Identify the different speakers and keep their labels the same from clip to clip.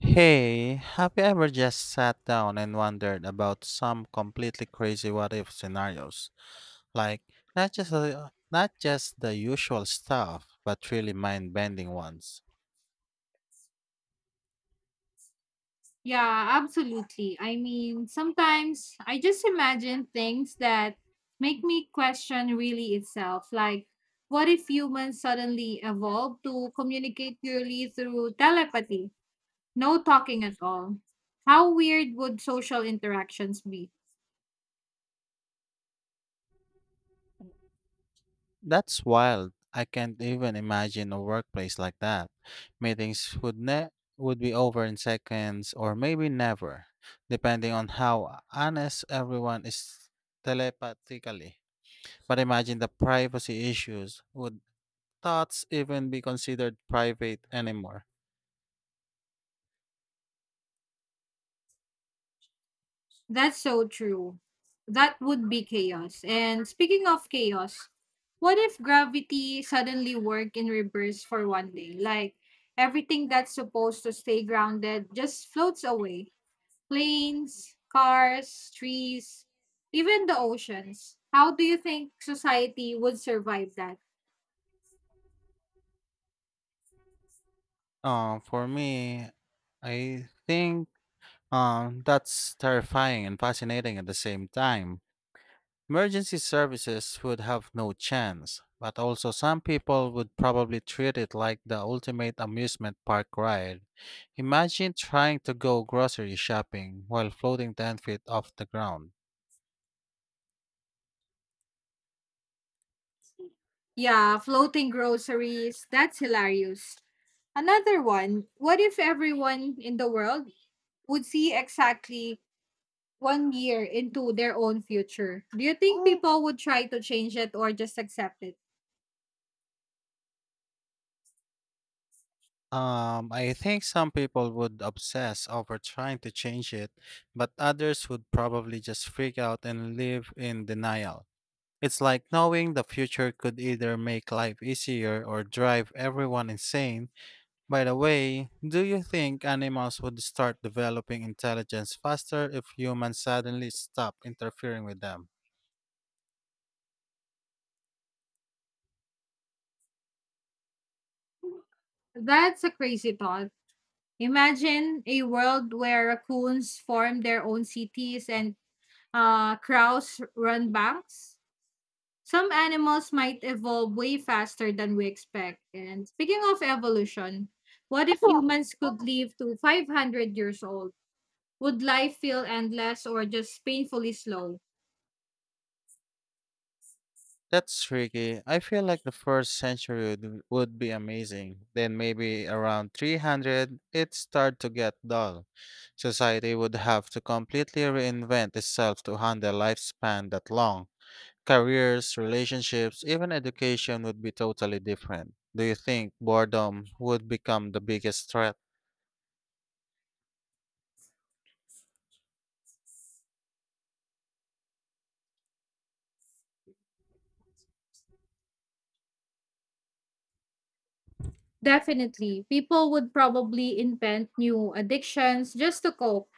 Speaker 1: Hey, have you ever just sat down and wondered about some completely crazy what if scenarios? Like not just the usual stuff, but really mind-bending ones.
Speaker 2: Yeah, absolutely. I mean, sometimes I just imagine things that make me question really itself. Like, what if humans suddenly evolved to communicate purely through telepathy? No talking at all. How weird would social interactions be?
Speaker 1: That's wild. I can't even imagine a workplace like that. Meetings would ne- would be over in seconds or maybe never, depending on how honest everyone is telepathically. But imagine the privacy issues would thoughts even be considered private anymore?
Speaker 2: That's so true. That would be chaos. And speaking of chaos, what if gravity suddenly worked in reverse for 1 day? Like everything that's supposed to stay grounded just floats away. Planes, cars, trees, even the oceans. How do you think society would survive that?
Speaker 1: For me, I think that's terrifying and fascinating at the same time. Emergency services would have no chance, but also some people would probably treat it like the ultimate amusement park ride. Imagine trying to go grocery shopping while floating 10 feet off the ground.
Speaker 2: Yeah, floating groceries. That's hilarious. Another one. What if everyone in the world would see exactly 1 year into their own future. Do you think people would try to change it or just accept it?
Speaker 1: I think some people would obsess over trying to change it, but others would probably just freak out and live in denial. It's like knowing the future could either make life easier or drive everyone insane. By the way, do you think animals would start developing intelligence faster if humans suddenly stop interfering with them?
Speaker 2: That's a crazy thought. Imagine a world where raccoons form their own cities and crows run banks. Some animals might evolve way faster than we expect. And speaking of evolution, what if humans could live to 500 years old? Would life feel endless or just painfully slow?
Speaker 1: That's tricky. I feel like the first century would be amazing. Then maybe around 300, it start to get dull. Society would have to completely reinvent itself to handle lifespan that long. Careers, relationships, even education would be totally different. Do you think boredom would become the biggest threat?
Speaker 2: Definitely. People would probably invent new addictions just to cope.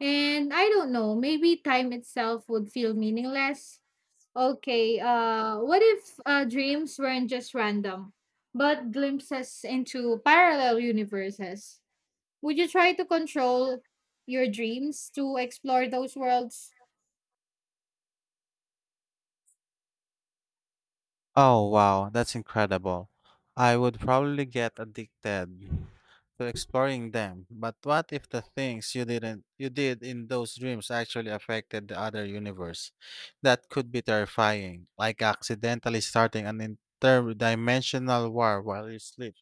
Speaker 2: And I don't know, maybe time itself would feel meaningless. Okay, what if dreams weren't just random, but glimpses into parallel universes? Would you try to control your dreams to explore those worlds?
Speaker 1: Oh, wow, that's incredible. I would probably get addicted to exploring them. But what if the things you didn't you did in those dreams actually affected the other universe? That could be terrifying, like accidentally starting an interdimensional war while you sleep.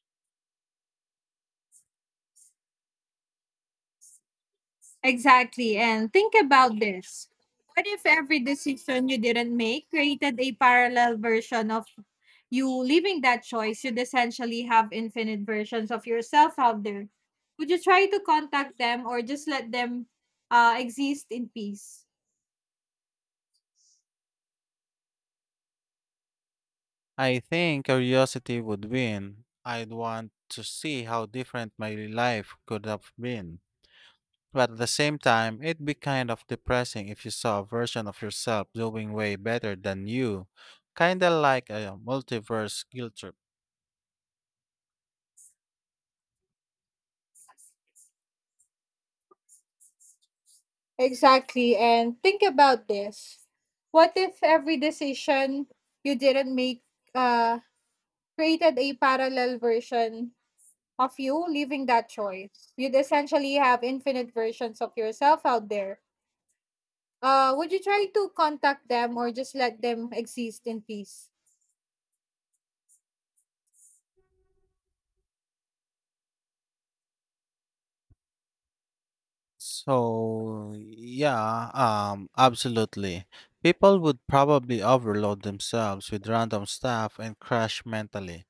Speaker 2: Exactly. And think about this. What if every decision you didn't make created a parallel version of you leaving that choice? You'd essentially have infinite versions of yourself out there. Would you try to contact them or just let them exist in peace?
Speaker 1: I think curiosity would win. I'd want to see how different my life could have been. But at the same time, it'd be kind of depressing if you saw a version of yourself doing way better than you, kinda like a multiverse guilt trip.
Speaker 2: Exactly. And think about this. What if every decision you didn't make uh, created a parallel version of you leaving that choice. You'd essentially have infinite versions of yourself out there. Would you try to contact them or just let them exist in peace?
Speaker 1: So, yeah, absolutely. People would probably overload themselves with random stuff and crash mentally,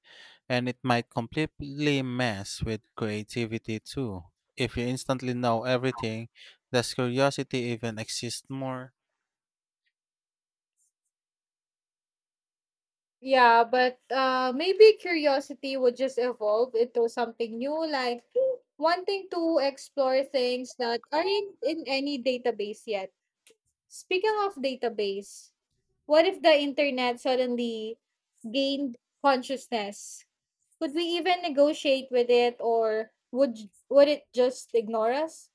Speaker 1: and it might completely mess with creativity too. If you instantly know everything, does curiosity even exist more?
Speaker 2: Yeah, but maybe curiosity would just evolve into something new, like wanting to explore things that aren't in any database yet. Speaking of database, what if the internet suddenly gained consciousness? Could we even negotiate with it or would it just ignore us?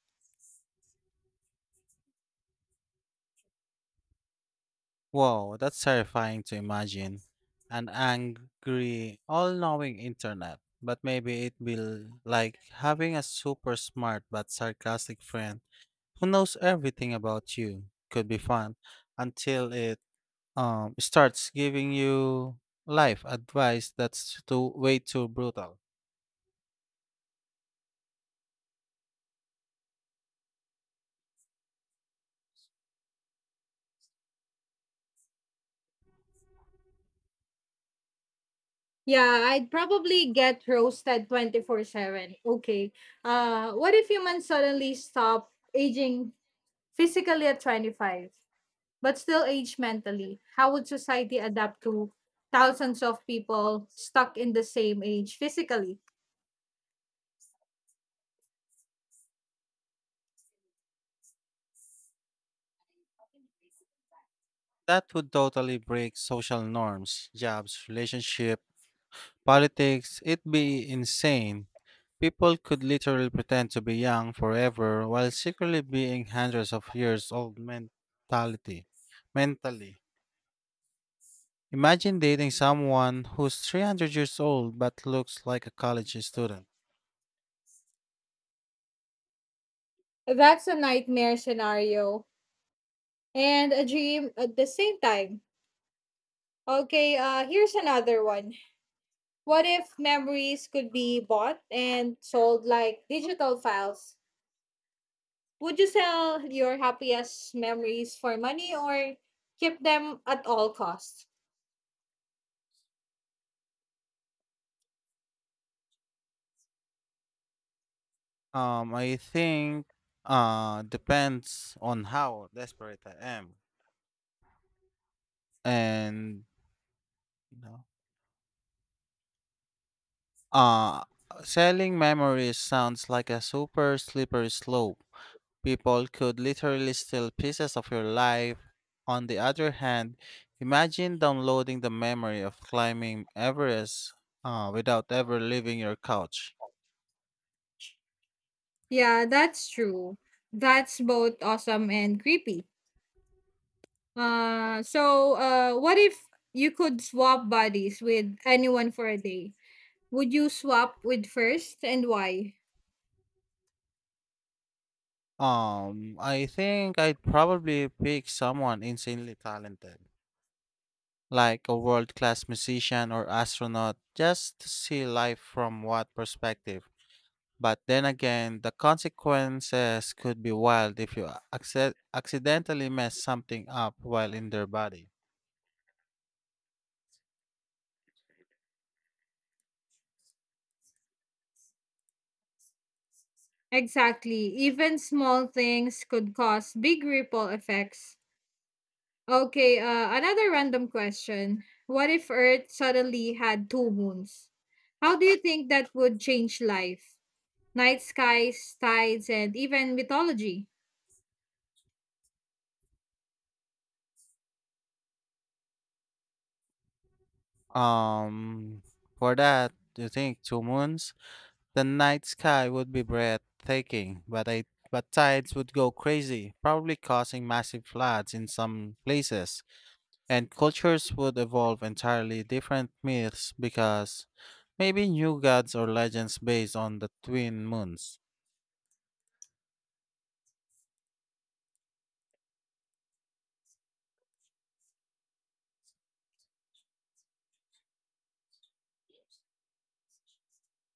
Speaker 1: Whoa, that's terrifying to imagine. An angry, all knowing internet. But maybe it will like having a super smart but sarcastic friend who knows everything about you. Could be fun until it starts giving you life advice that's too way too brutal.
Speaker 2: Yeah, I'd probably get roasted 24/7. Okay. What if humans suddenly stop aging physically at 25 but still age mentally? How would society adapt to thousands of people stuck in the same age physically?
Speaker 1: That would totally break social norms, jobs, relationship, politics. It'd be insane. People could literally pretend to be young forever while secretly being hundreds of years old mentality. Mentally. Imagine dating someone who's 300 years old but looks like a college student.
Speaker 2: That's a nightmare scenario and a dream at the same time. Okay, here's another one. What if memories could be bought and sold like digital files? Would you sell your happiest memories for money or keep them at all costs?
Speaker 1: I think depends on how desperate I am. And you know, uh selling memories sounds like a super slippery slope. People could literally steal pieces of your life. On the other hand, imagine downloading the memory of climbing Everest without ever leaving your couch.
Speaker 2: Yeah, that's true. That's both awesome and creepy. So what if you could swap bodies with anyone for a day? Would you swap with first and why?
Speaker 1: I think I'd probably pick someone insanely talented, like a world class musician or astronaut, just to see life from what perspective. But then again, the consequences could be wild if accidentally mess something up while in their body.
Speaker 2: Exactly. Even small things could cause big ripple effects. Okay, another random question. What if Earth suddenly had two moons? How do you think that would change life? Night skies, tides, and even mythology.
Speaker 1: Um, for that, you think two moons? The night sky would be breathtaking, but tides would go crazy, probably causing massive floods in some places, and cultures would evolve entirely different myths because maybe new gods or legends based on the twin moons.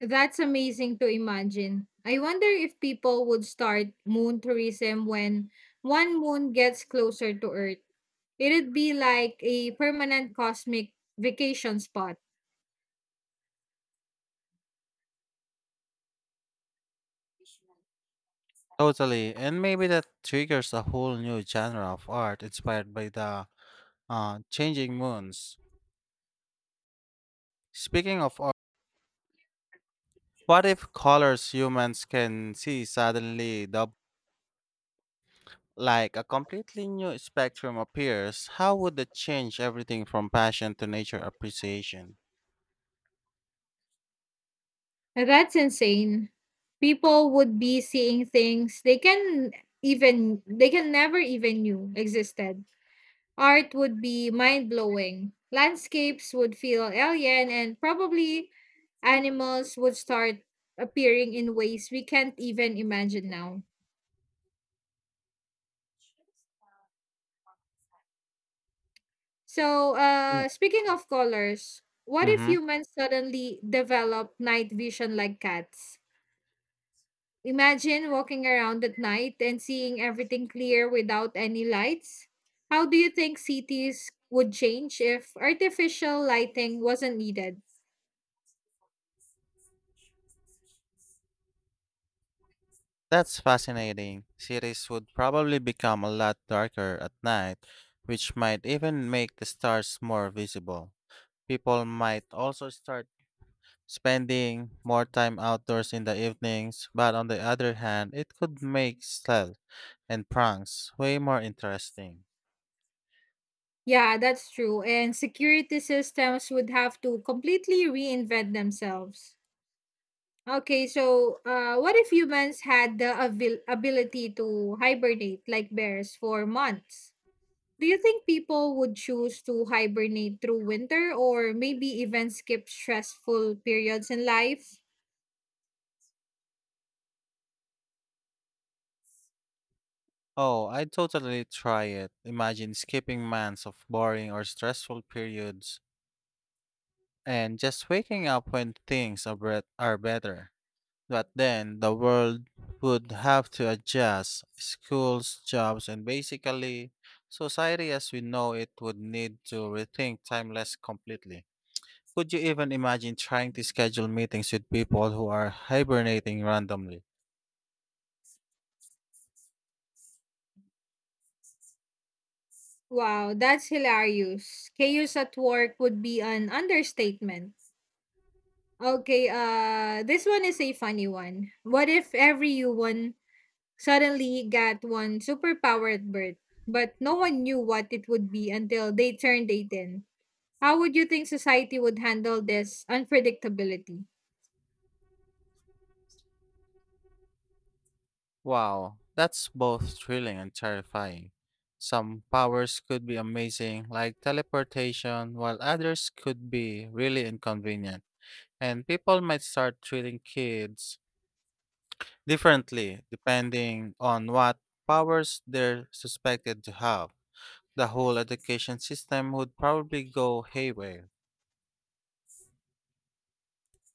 Speaker 2: That's amazing to imagine. I wonder if people would start moon tourism when one moon gets closer to Earth. It'd be like a permanent cosmic vacation spot.
Speaker 1: Totally, and maybe that triggers a whole new genre of art inspired by the changing moons. Speaking of what if colors humans can see suddenly dub like a completely new spectrum appears? How would that change everything from passion to nature appreciation?
Speaker 2: That's insane. People would be seeing things they can even they can never even knew existed. Art would be mind-blowing. Landscapes would feel alien and probably animals would start appearing in ways we can't even imagine now. So, speaking of colors, what if
Speaker 1: Mm-hmm.
Speaker 2: humans suddenly develop night vision like cats? Imagine walking around at night and seeing everything clear without any lights. How do you think cities would change if artificial lighting wasn't needed?
Speaker 1: That's fascinating. Cities would probably become a lot darker at night, which might even make the stars more visible. People might also start spending more time outdoors in the evenings, but on the other hand, it could make stealth and pranks way more interesting.
Speaker 2: Yeah, that's true. And security systems would have to completely reinvent themselves. Okay, so what if humans had the ability to hibernate like bears for months? Do you think people would choose to hibernate through winter or maybe even skip stressful periods in life?
Speaker 1: Oh, I'd totally try it. Imagine skipping months of boring or stressful periods and just waking up when are better. But then the world would have to adjust. Schools, jobs, and basically society as we know it would need to rethink timeless completely. Could you even imagine trying to schedule meetings with people who are hibernating randomly?
Speaker 2: Wow, that's hilarious. Chaos at work would be an understatement. Okay, this one is a funny one. What if every human suddenly got one superpower at birth, but no one knew what it would be until they turned 18? How would you think society would handle this unpredictability?
Speaker 1: Wow, that's both thrilling and terrifying. Some powers could be amazing, like teleportation, while others could be really inconvenient. And people might start treating kids differently depending on what powers they're suspected to have. The whole education system would probably go haywire.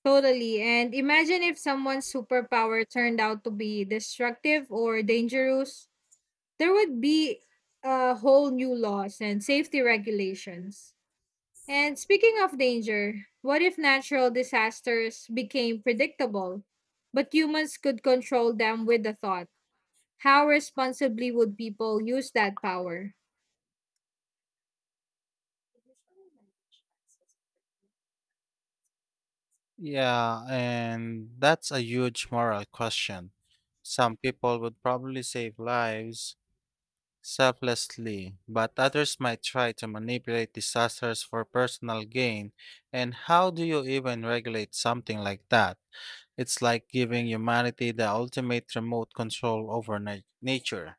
Speaker 2: Totally. And imagine if someone's superpower turned out to be destructive or dangerous, there would be a whole new laws and safety regulations. And speaking of danger, what if natural disasters became predictable, but humans could control them with a thought? How responsibly would people use that power?
Speaker 1: Yeah, and that's a huge moral question. Some people would probably save lives, selflessly, but others might try to manipulate disasters for personal gain. And how do you even regulate something like that? It's like giving humanity the ultimate remote control over nature.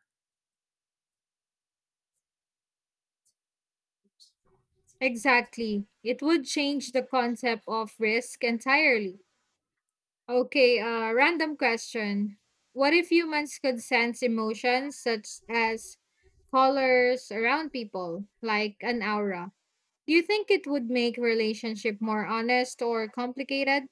Speaker 2: Exactly. It would change the concept of risk entirely. Okay, random question. What if humans could sense emotions such as colors around people, like an aura? Do you think it would make relationship more honest or complicated?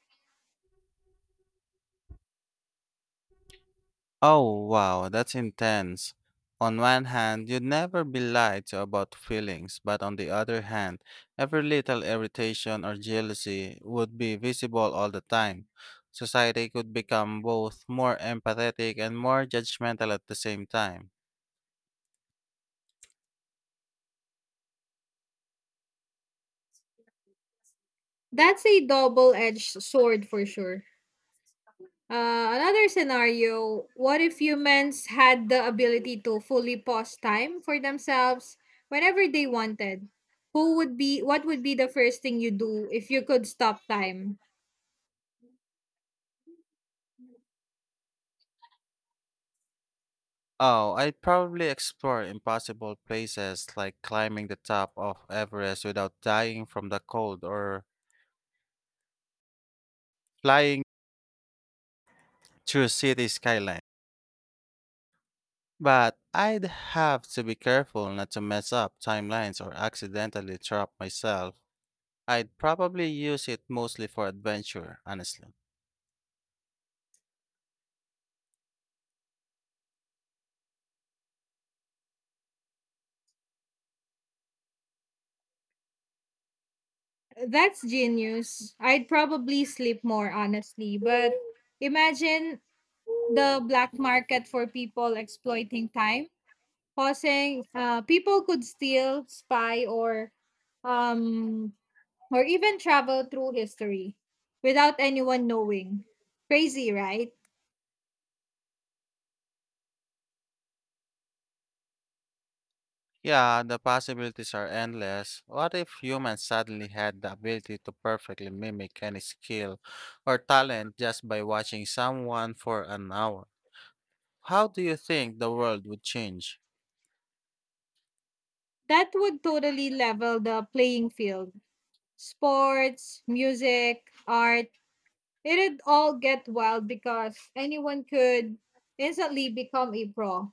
Speaker 1: Oh, wow, that's intense. On one hand, you'd never be lied to about feelings, but on the other hand, every little irritation or jealousy would be visible all the time. Society could become both more empathetic and more judgmental at the same time.
Speaker 2: That's a double-edged sword for sure. Another scenario, what if humans had the ability to fully pause time for themselves whenever they wanted? Who would be What would be the first thing you do if you could stop time?
Speaker 1: Oh, I'd probably explore impossible places like climbing the top of Everest without dying from the cold or flying through city skylines. But I'd have to be careful not to mess up timelines or accidentally trap myself. I'd probably use it mostly for adventure, honestly.
Speaker 2: That's genius. I'd probably sleep more, honestly. But imagine the black market for people exploiting time, causing people could steal, spy, um, or even travel through history without anyone knowing. Crazy, right?
Speaker 1: Yeah, the possibilities are endless. What if humans suddenly had the ability to perfectly mimic any skill or talent just by watching someone for an hour? How do you think the world would change?
Speaker 2: That would totally level the playing field. Sports, music, art. It'd all get wild because anyone could instantly become a pro.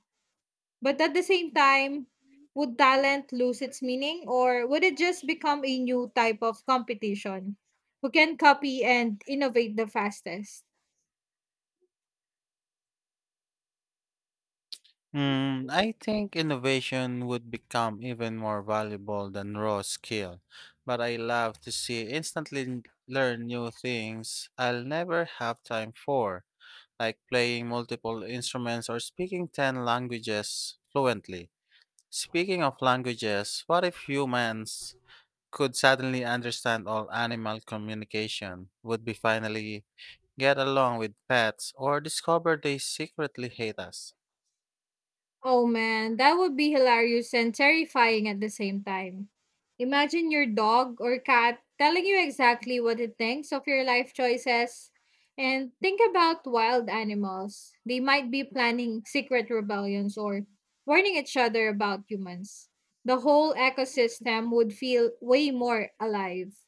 Speaker 2: But at the same time, would talent lose its meaning or would it just become a new type of competition who can copy and innovate the fastest?
Speaker 1: Hmm. I think innovation would become even more valuable than raw skill, but I love to see learn new things I'll never have time for, like playing multiple instruments or speaking 10 languages fluently. Speaking of languages, what if humans could suddenly understand all animal communication? Would we finally get along with pets or discover they secretly hate us?
Speaker 2: Oh man, that would be hilarious and terrifying at the same time. Imagine your dog or cat telling you exactly what it thinks of your life choices. And think about wild animals. They might be planning secret rebellions or warning each other about humans. The whole ecosystem would feel way more alive.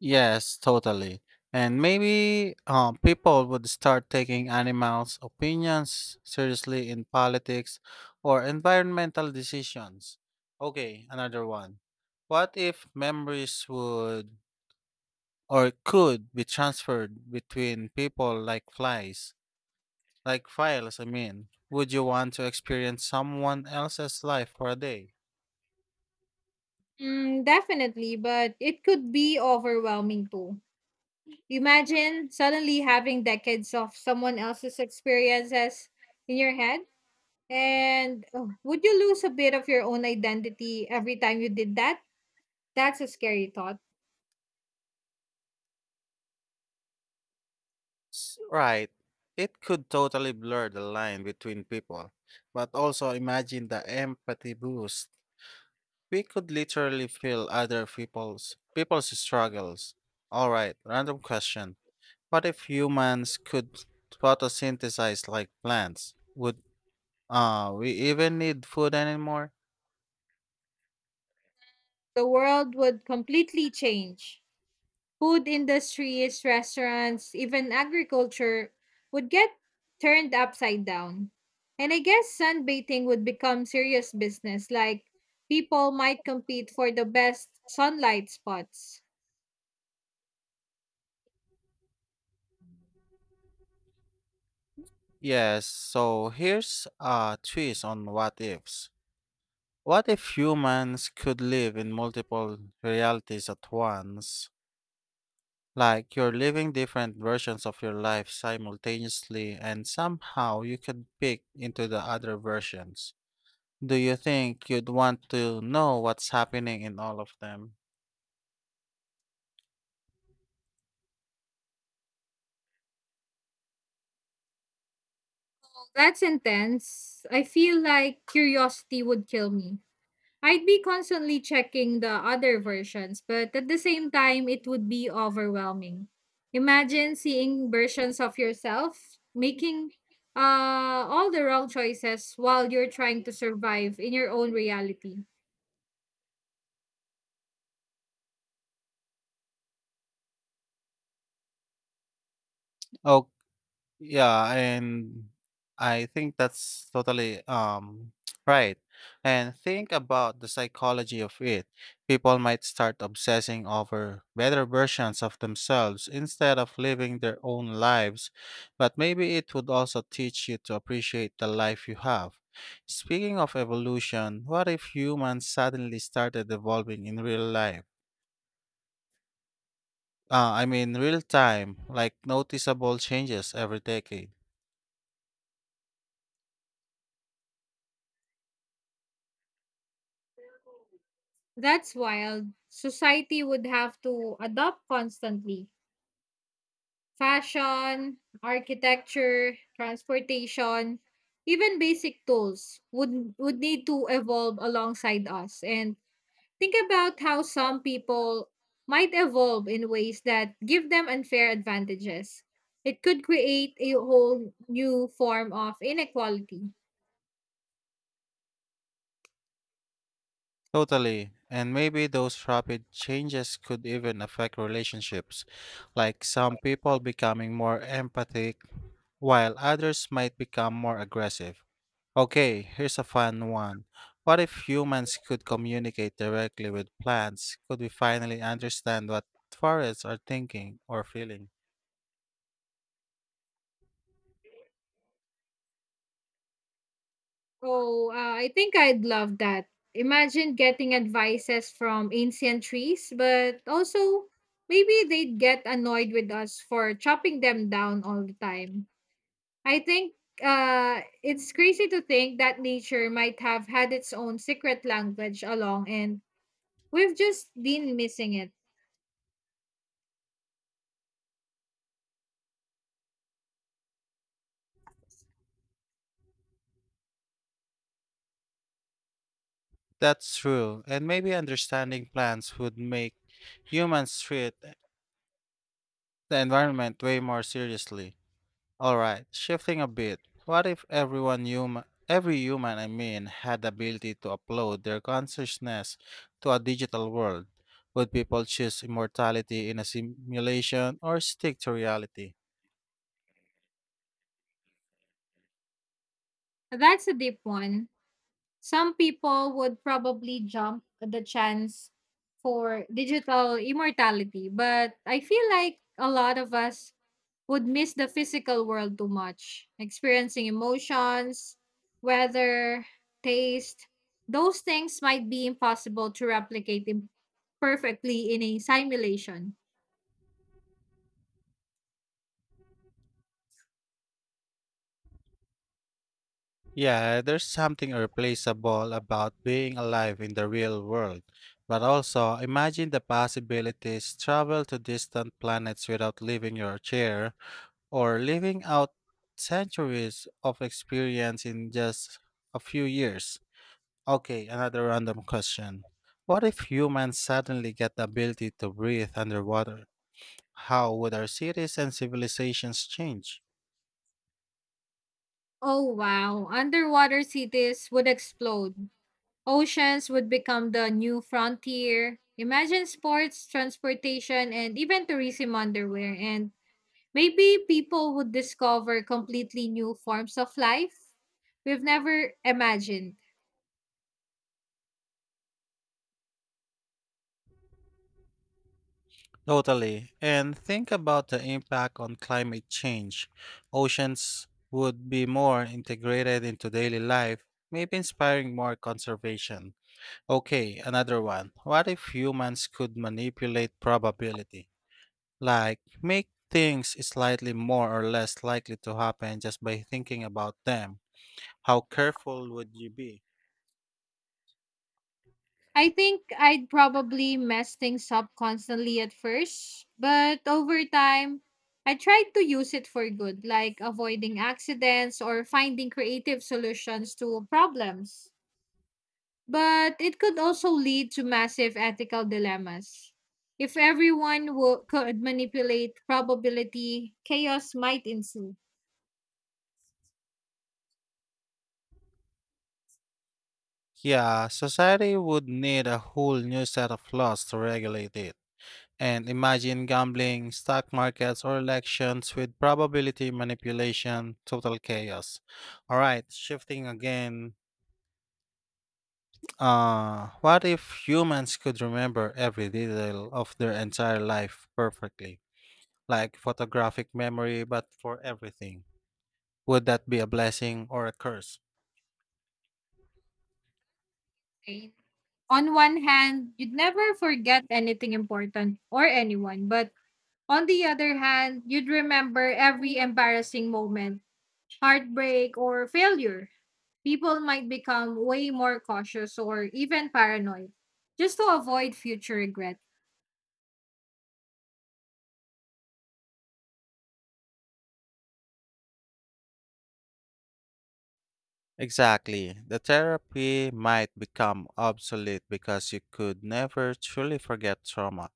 Speaker 1: Yes, totally. And maybe people would start taking animals' opinions seriously in politics or environmental decisions. Okay, another one. What if memories would or could be transferred between people like flies, like files, I mean? Would you want to experience someone else's life for a day?
Speaker 2: Mm, definitely, but it could be overwhelming too. Imagine suddenly having decades of someone else's experiences in your head. And oh, would you lose a bit of your own identity every time you did that? That's a scary thought.
Speaker 1: Right. It could totally blur the line between people. But also imagine the empathy boost. We could literally feel other people's people's struggles. All right, random question. What if humans could photosynthesize like plants? Would we even need food anymore?
Speaker 2: The world would completely change. Food industries, restaurants, even agriculture would get turned upside down. And I guess sunbathing would become serious business, like people might compete for the best sunlight spots.
Speaker 1: Yes, so here's a twist on what ifs. What if humans could live in multiple realities at once? Like you're living different versions of your life simultaneously, and somehow you could peek into the other versions. Do you think you'd want to know what's happening in all of them?
Speaker 2: That's intense. I feel like curiosity would kill me. I'd be constantly checking the other versions, but at the same time, it would be overwhelming. Imagine seeing versions of yourself making all the wrong choices while you're trying to survive in your own reality.
Speaker 1: Oh, yeah, and I think that's totally right. And think about the psychology of it. People might start obsessing over better versions of themselves instead of living their own lives, but maybe it would also teach you to appreciate the life you have. Speaking of evolution, what if humans suddenly started evolving in real life? I mean, real time, like noticeable changes every decade.
Speaker 2: That's wild. Society would have to adopt constantly. Fashion, architecture, transportation, even basic tools would need to evolve alongside us and think about how some people might evolve in ways that give them unfair advantages. It could create a whole new form of inequality.
Speaker 1: Totally. And maybe those rapid changes could even affect relationships, like some people becoming more empathic, while others might become more aggressive. Okay, here's a fun one. What if humans could communicate directly with plants? Could we finally understand what forests are thinking or feeling?
Speaker 2: Oh, I think I'd love that. Imagine getting advices from ancient trees, but also maybe they'd get annoyed with us for chopping them down all the time. I think it's crazy to think that nature might have had its own secret language along, and we've just been missing it.
Speaker 1: That's true. And maybe understanding plants would make humans treat the environment way more seriously. All right, shifting a bit. What if every human, I mean, had the ability to upload their consciousness to a digital world? Would people choose immortality in a simulation or stick to reality?
Speaker 2: That's a deep one. Some people would probably jump at the chance for digital immortality, but I feel like a lot of us would miss the physical world too much, experiencing emotions, weather, taste. Those things might be impossible to perfectly in a simulation.
Speaker 1: Yeah, there's something irreplaceable about being alive in the real world. But also, imagine the possibilities travel to distant planets without leaving your chair or living out centuries of experience in just a few years. Okay, another random question. What if humans suddenly get the ability to breathe underwater? How would our cities and civilizations change?
Speaker 2: Oh wow, underwater cities would explode. Oceans would become the new frontier. Imagine sports, transportation, and even tourism underwear. And maybe people would discover completely new forms of life we've never imagined.
Speaker 1: Totally. And think about the impact on climate change. Oceans would be more integrated into daily life, maybe inspiring more conservation. Okay, another one. What if humans could manipulate probability? Like, make things slightly more or less likely to happen just by thinking about them. How careful would you be?
Speaker 2: I think I'd probably mess things up constantly at first, but over time, I tried to use it for good, like avoiding accidents or finding creative solutions to problems. But it could also lead to massive ethical dilemmas. If everyone could manipulate probability, chaos might ensue.
Speaker 1: Yeah, society would need a whole new set of laws to regulate it. And imagine gambling, stock markets, or elections with probability manipulation, total chaos. Alright, shifting again. What if humans could remember every detail of their entire life perfectly? Like photographic memory, but for everything. Would that be a blessing or a curse?
Speaker 2: Right? On one hand, you'd never forget anything important or anyone, but on the other hand, you'd remember every embarrassing moment, heartbreak, or failure. People might become way more cautious or even paranoid just to avoid future regret.
Speaker 1: Exactly. The therapy might become obsolete because you could never truly forget trauma.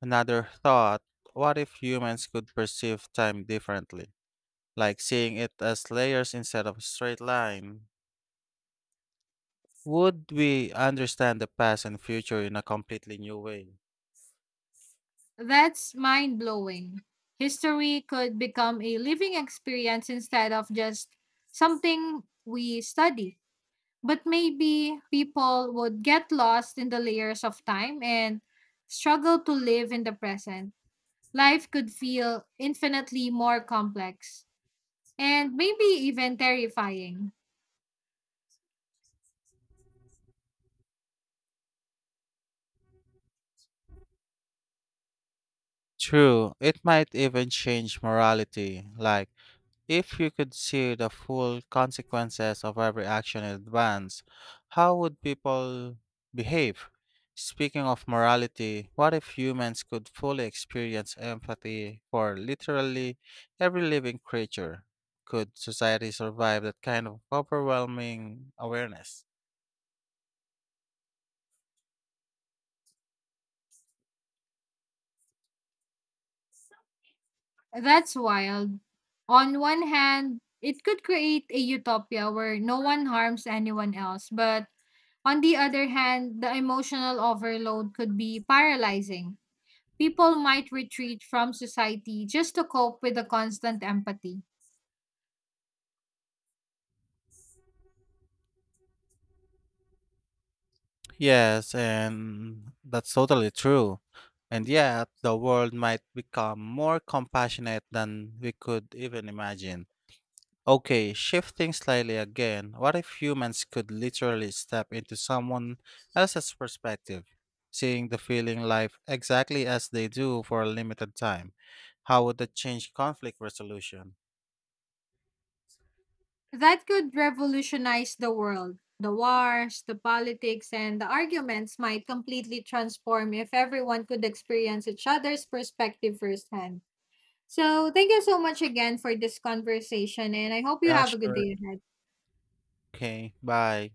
Speaker 1: Another thought, what if humans could perceive time differently? Like seeing it as layers instead of a straight line? Would we understand the past and future in a completely new way?
Speaker 2: That's mind blowing. History could become a living experience instead of just something we study. But maybe people would get lost in the layers of time and struggle to live in the present. Life could feel infinitely more complex and maybe even terrifying.
Speaker 1: True, it might even change morality. Like, if you could see the full consequences of every action in advance, how would people behave? Speaking of morality, what if humans could fully experience empathy for literally every living creature? Could society survive that kind of overwhelming awareness?
Speaker 2: That's wild. On one hand, it could create a utopia where no one harms anyone else, but on the other hand, the emotional overload could be paralyzing. People might retreat from society just to cope with the constant empathy.
Speaker 1: Yes, and that's totally true. And yet, the world might become more compassionate than we could even imagine. Okay, shifting slightly again, what if humans could literally step into someone else's perspective, seeing the feeling life exactly as they do for a limited time? How would that change conflict resolution?
Speaker 2: That could revolutionize the world. The wars, the politics, and the arguments might completely transform if everyone could experience each other's perspective firsthand. So, thank you so much again for this conversation, and I hope you
Speaker 1: Yeah,
Speaker 2: have a good
Speaker 1: sure.
Speaker 2: day ahead.
Speaker 1: Okay, bye.